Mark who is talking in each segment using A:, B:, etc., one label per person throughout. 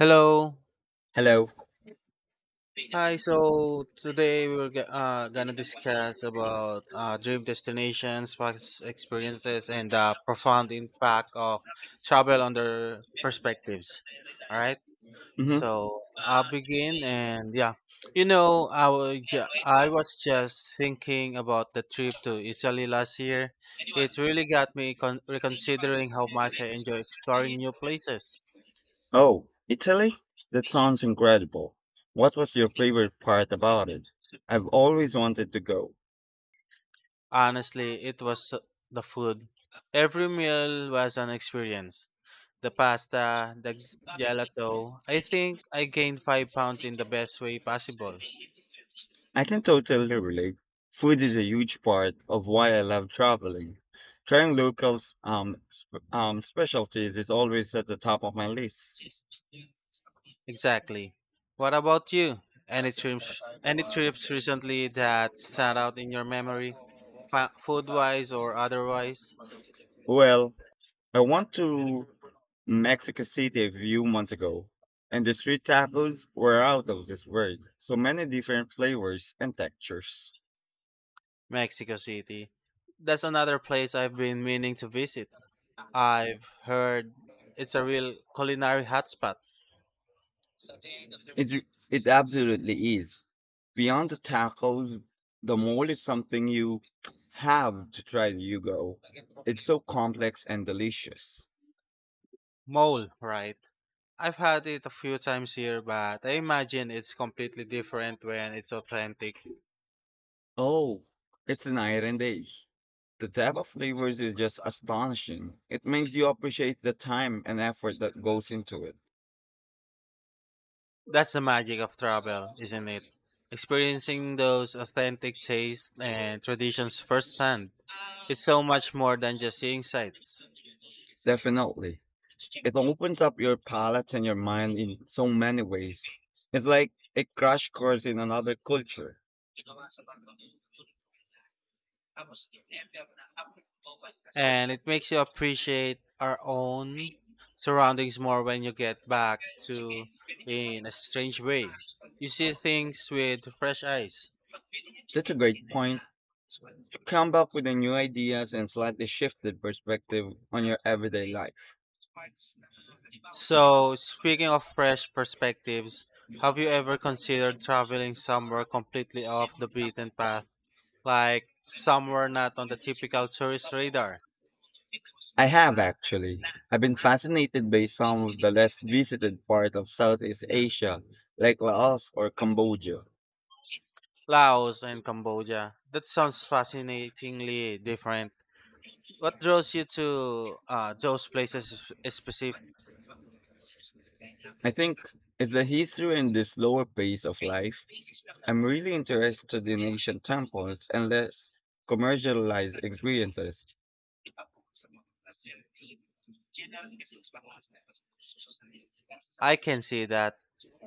A: Hello.
B: Hello.
A: Hi. So today we're gonna discuss about dream destinations, past experiences, and the profound impact of travel on their perspectives. All right.
B: Hmm.
A: So I'll begin, and yeah, I was just thinking about the trip to Italy last year. It really got me reconsidering how much I enjoy exploring new places.
B: Oh, Italy? That sounds incredible. What was your favorite part about it? I've always wanted to go.
A: Honestly, it was the food. Every meal was an experience. The pasta, the gelato. I think I gained 5 pounds in the best way possible.
B: I can totally relate. Food is a huge part of why I love traveling. Trying local specialties is always at the top of my list.
A: Exactly. What about you? Any trips? Any trips recently that stand out in your memory, food-wise or otherwise?
B: Well, I went to Mexico City a few months ago, and the street tacos were out of this world. So many different flavors and textures.
A: Mexico City. That's another place I've been meaning to visit. I've heard it's a real culinary hotspot.
B: It absolutely is. Beyond the tacos, the mole is something you have to try when you go. It's so complex and delicious.
A: Mole, right? I've had it a few times here, but I imagine it's completely different when it's authentic.
B: Oh, it's night and day. The depth of flavors is just astonishing. It makes you appreciate the time and effort that goes into it.
A: That's the magic of travel, isn't it? Experiencing those authentic tastes and traditions firsthand. It's so much more than just seeing sights.
B: Definitely. It opens up your palate and your mind in so many ways. It's like a crash course in another culture.
A: And it makes you appreciate our own surroundings more when you get back to in a strange way. You see things with fresh eyes.
B: That's a great point to come up with the new ideas and slightly shifted perspective on your everyday life.
A: So, speaking of fresh perspectives, have you ever considered traveling somewhere completely off the beaten path, like somewhere not on the typical tourist radar?
B: I have, actually. I've been fascinated by some of the less visited parts of Southeast Asia, like Laos or Cambodia.
A: Laos and Cambodia. That sounds fascinatingly different. What draws you to those places specifically?
B: I think it's the history and the slower pace of life. I'm really interested in ancient temples and less commercialized experiences.
A: I can see that.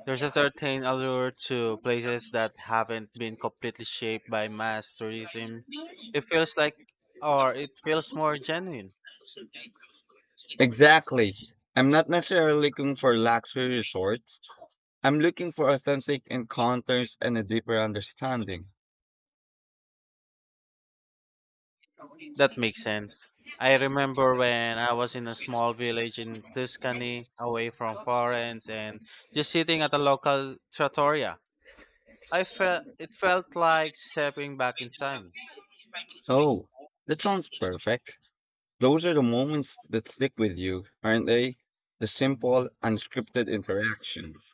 A: There's a certain allure to places that haven't been completely shaped by mass tourism. It feels like, or it feels more genuine.
B: Exactly. I'm not necessarily looking for luxury resorts. I'm looking for authentic encounters and a deeper understanding.
A: That makes sense. I remember when I was in a small village in Tuscany, away from Florence, and just sitting at a local trattoria. I felt it felt like stepping back in time.
B: Oh, that sounds perfect. Those are the moments that stick with you, aren't they? The simple, unscripted interactions.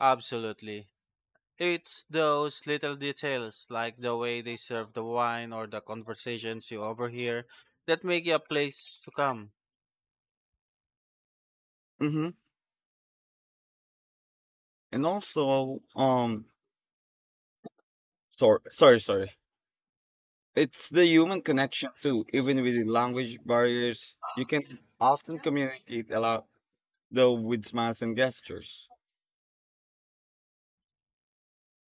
A: Absolutely. It's those little details, like the way they serve the wine or the conversations you overhear, that make you a place to come.
B: Mm-hmm. And also, sorry, sorry, sorry. it's the human connection too. Even with the language barriers, you can often communicate a lot, though with smiles and gestures.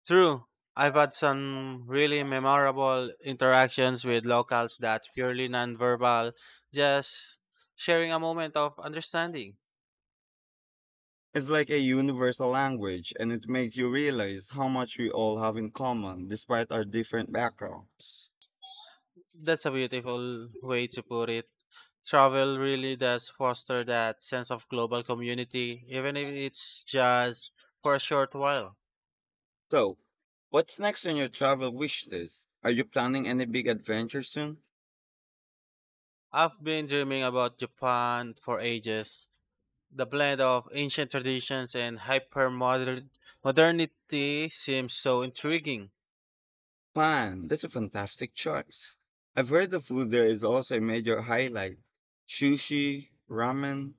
A: True. I've had some really memorable interactions with locals that purely nonverbal, just sharing a moment of understanding.
B: It's like a universal language, and it makes you realize how much we all have in common despite our different backgrounds.
A: That's a beautiful way to put it. Travel really does foster that sense of global community, even if it's just for a short while.
B: So, what's next on your travel wish list? Are you planning any big adventure soon?
A: I've been dreaming about Japan for ages. The blend of ancient traditions and hyper modernity seems so intriguing.
B: Japan, that's a fantastic choice. I've heard the food there is also a major highlight. Sushi, ramen.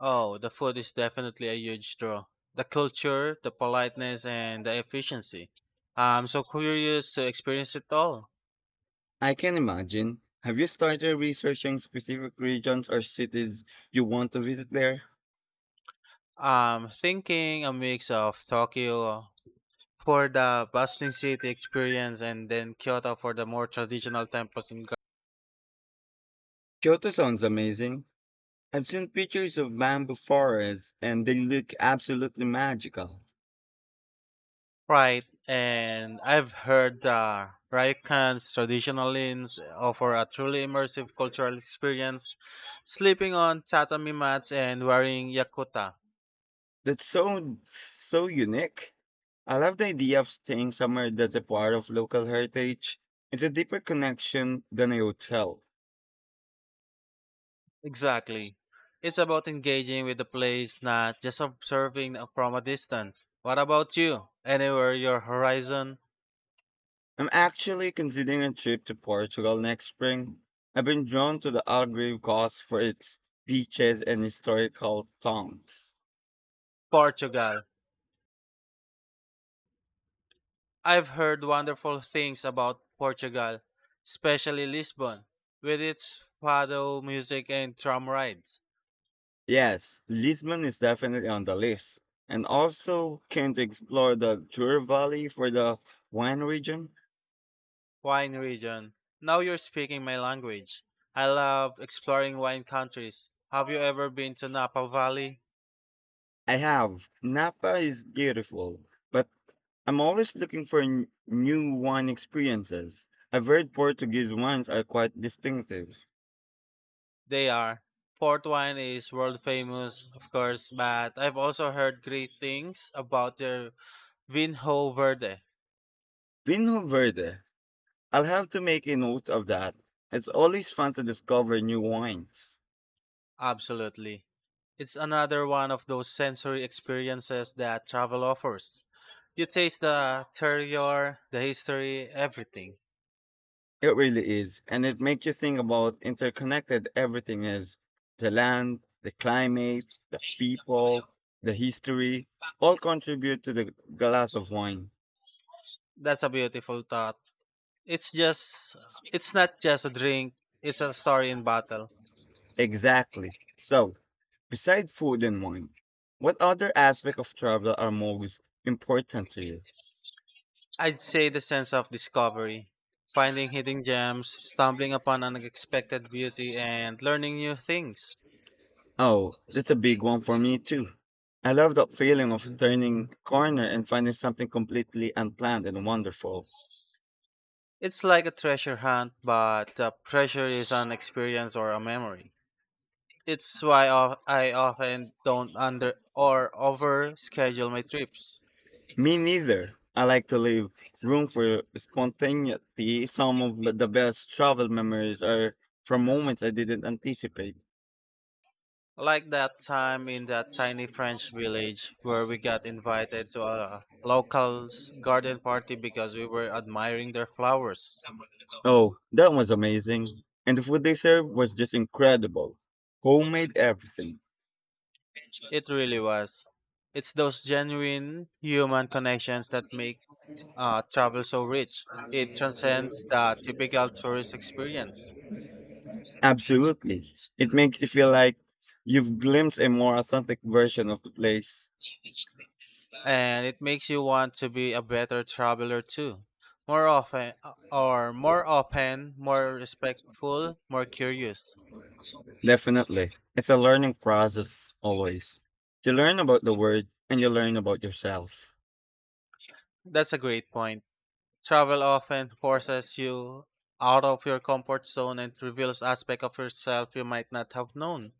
A: Oh, the food is definitely a huge draw. The culture, the politeness, and the efficiency. I'm so curious to experience it all.
B: I can imagine. Have you started researching specific regions or cities you want to visit there?
A: I'm thinking a mix of Tokyo for the bustling city experience and then Kyoto for the more traditional temples and Gar-
B: Kyoto sounds amazing. I've seen pictures of bamboo forests and they look absolutely magical.
A: Right, and I've heard the Ryokan's traditional inns offer a truly immersive cultural experience, sleeping on tatami mats and wearing yakuta.
B: That's so so unique. I love the idea of staying somewhere that's a part of local heritage. It's a deeper connection than a hotel.
A: Exactly. It's about engaging with the place, not just observing from a distance. What about you? Anywhere your horizon?
B: I'm actually considering a trip to Portugal next spring. I've been drawn to the Algarve coast for its beaches and historical towns.
A: Portugal. I've heard wonderful things about Portugal, especially Lisbon, with its fado music and tram rides.
B: Yes, Lisbon is definitely on the list. And also can to explore the Jura Valley for the wine region.
A: Wine region. Now you're speaking my language. I love exploring wine countries. Have you ever been to Napa Valley?
B: I have. Napa is beautiful, but I'm always looking for new wine experiences. I've heard Portuguese wines are quite distinctive.
A: They are. Port wine is world famous, of course, but I've also heard great things about their Vinho Verde.
B: Vinho Verde. I'll have to make a note of that. It's always fun to discover new wines.
A: Absolutely. It's another one of those sensory experiences that travel offers. You taste the terroir, the history, everything.
B: It really is. And it makes you think about interconnected everything is. The land, the climate, the people, the history, all contribute to the glass of wine.
A: That's a beautiful thought. It's just, it's not just a drink, it's a story in bottle.
B: Exactly. So, besides food and wine, what other aspects of travel are most important to you?
A: I'd say the sense of discovery, finding hidden gems, stumbling upon unexpected beauty, and learning new things.
B: Oh, that's a big one for me too. I love that feeling of turning corner and finding something completely unplanned and wonderful.
A: It's like a treasure hunt, but the treasure is an experience or a memory. I often don't under or over schedule my trips.
B: Me neither. I like to leave room for spontaneity. Some of the best travel memories are from moments I didn't anticipate.
A: Like that time in that tiny French village where we got invited to a local's garden party because we were admiring their flowers.
B: Oh, that was amazing. And the food they served was just incredible. Homemade everything.
A: It really was. It's those genuine human connections that make travel so rich. It transcends the typical tourist experience,
B: Absolutely. It makes you feel like you've glimpsed a more authentic version of the place.
A: and it makes you want to be a better traveler too. More often, or more open, more respectful, more curious.
B: Definitely. It's a learning process always. You learn about the word and you learn about yourself.
A: That's a great point. Travel often forces you out of your comfort zone and reveals aspects of yourself you might not have known.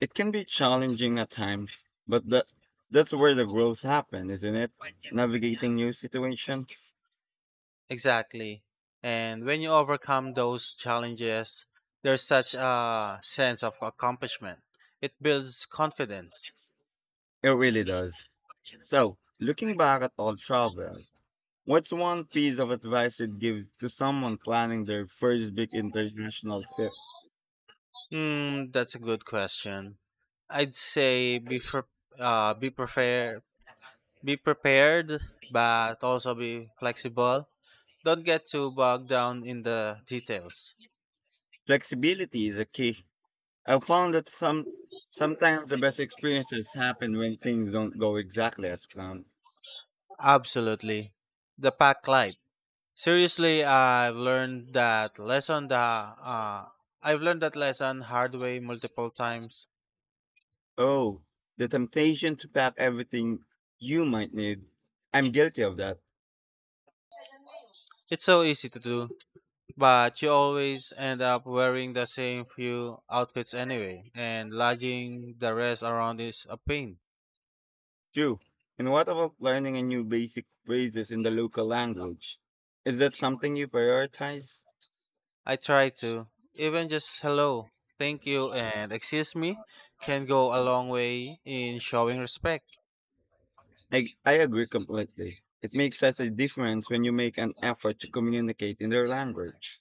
B: It can be challenging at times, but that's where the growth happens, isn't it? Navigating new situations.
A: Exactly. And when you overcome those challenges, there's such a sense of accomplishment. It builds confidence.
B: It really does. So, looking back at all travel, what's one piece of advice you'd give to someone planning their first big international trip?
A: That's a good question. I'd say be pre- be prepared, be prepared, but also be flexible. Don't get too bogged down in the details.
B: Flexibility is a key. I've found that sometimes the best experiences happen when things don't go exactly as planned.
A: Absolutely. The pack life. Seriously, I've learned that lesson hard way multiple times.
B: Oh, the temptation to pack everything you might need. I'm guilty of that.
A: It's so easy to do, but you always end up wearing the same few outfits anyway, and lugging the rest around is a pain.
B: True. And what about learning a new basic phrases in the local language? Is that something you prioritize?
A: I try to even just hello, thank you, and excuse me can go a long way in showing respect.
B: I agree completely. It makes such a difference when you make an effort to communicate in their language.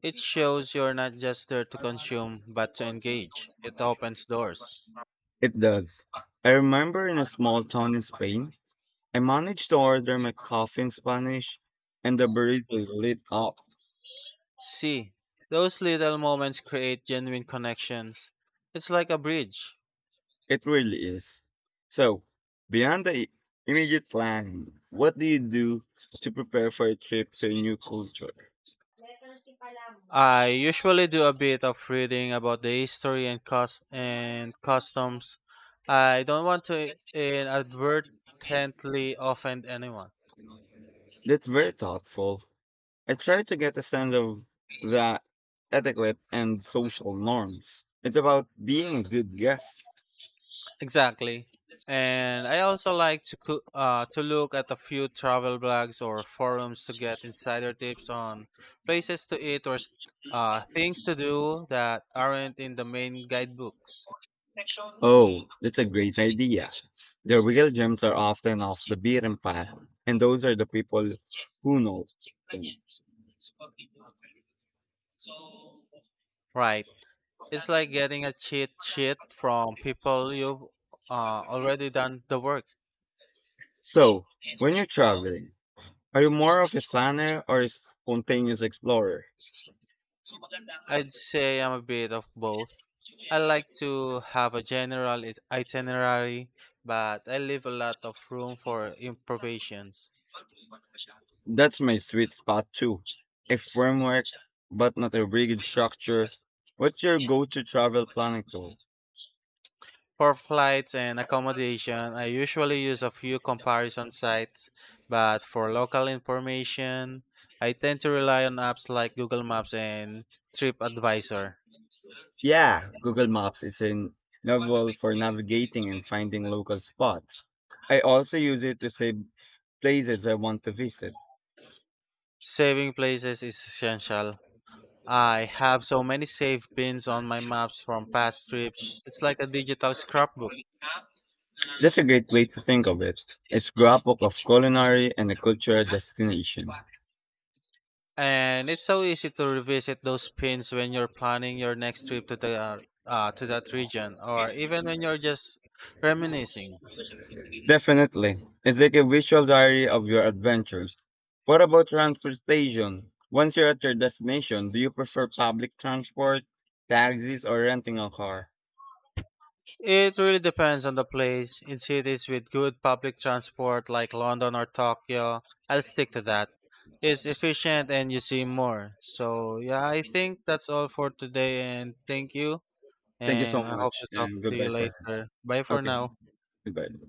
A: It shows you're not just there to consume, but to engage. It opens doors.
B: It does. I remember in a small town in Spain, I managed to order my coffee in Spanish, and the barista lit up.
A: See, those little moments create genuine connections. It's like a bridge.
B: It really is. So, beyond the immediate planning, what do you do to prepare for a trip to a new culture?
A: I usually do a bit of reading about the history and customs. I don't want to inadvertently offend anyone.
B: That's very thoughtful. I try to get a sense of the etiquette and social norms. It's about being a good guest.
A: Exactly. And I also like to to look at a few travel blogs or forums to get insider tips on places to eat or things to do that aren't in the main guidebooks.
B: Oh, that's a great idea. The real gems are often off the beaten path, and those are the people who know them.
A: Right. It's like getting a cheat sheet from people you've already done the work.
B: So, when you're traveling, are you more of a planner or a spontaneous explorer?
A: I'd say I'm a bit of both. I like to have a general itinerary, but I leave a lot of room for improvisations.
B: That's my sweet spot too. A framework, but not a rigid structure. What's your go to travel planning tool?
A: For flights and accommodation, I usually use a few comparison sites, but for local information, I tend to rely on apps like Google Maps and TripAdvisor.
B: Yeah, Google Maps is invaluable for navigating and finding local spots. I also use it to save places I want to visit.
A: Saving places is essential. I have so many save pins on my maps from past trips. It's like a digital scrapbook.
B: That's a great way to think of it. It's grapple of culinary and a cultural destination.
A: And it's so easy to revisit those pins when you're planning your next trip to the to that region or even when you're just reminiscing.
B: Definitely. It's like a visual diary of your adventures. What about transportation? Once you're at your destination, do you prefer public transport, taxis, or renting a car?
A: It really depends on the place. In cities with good public transport like London or Tokyo, I'll stick to that. It's efficient and you see more. So, yeah, I think that's all for today and thank you.
B: Thank you
A: And
B: so
A: I hope
B: much
A: to talk
B: and
A: to you
B: goodbye for.
A: later. Bye for
B: Okay,
A: now.
B: goodbye.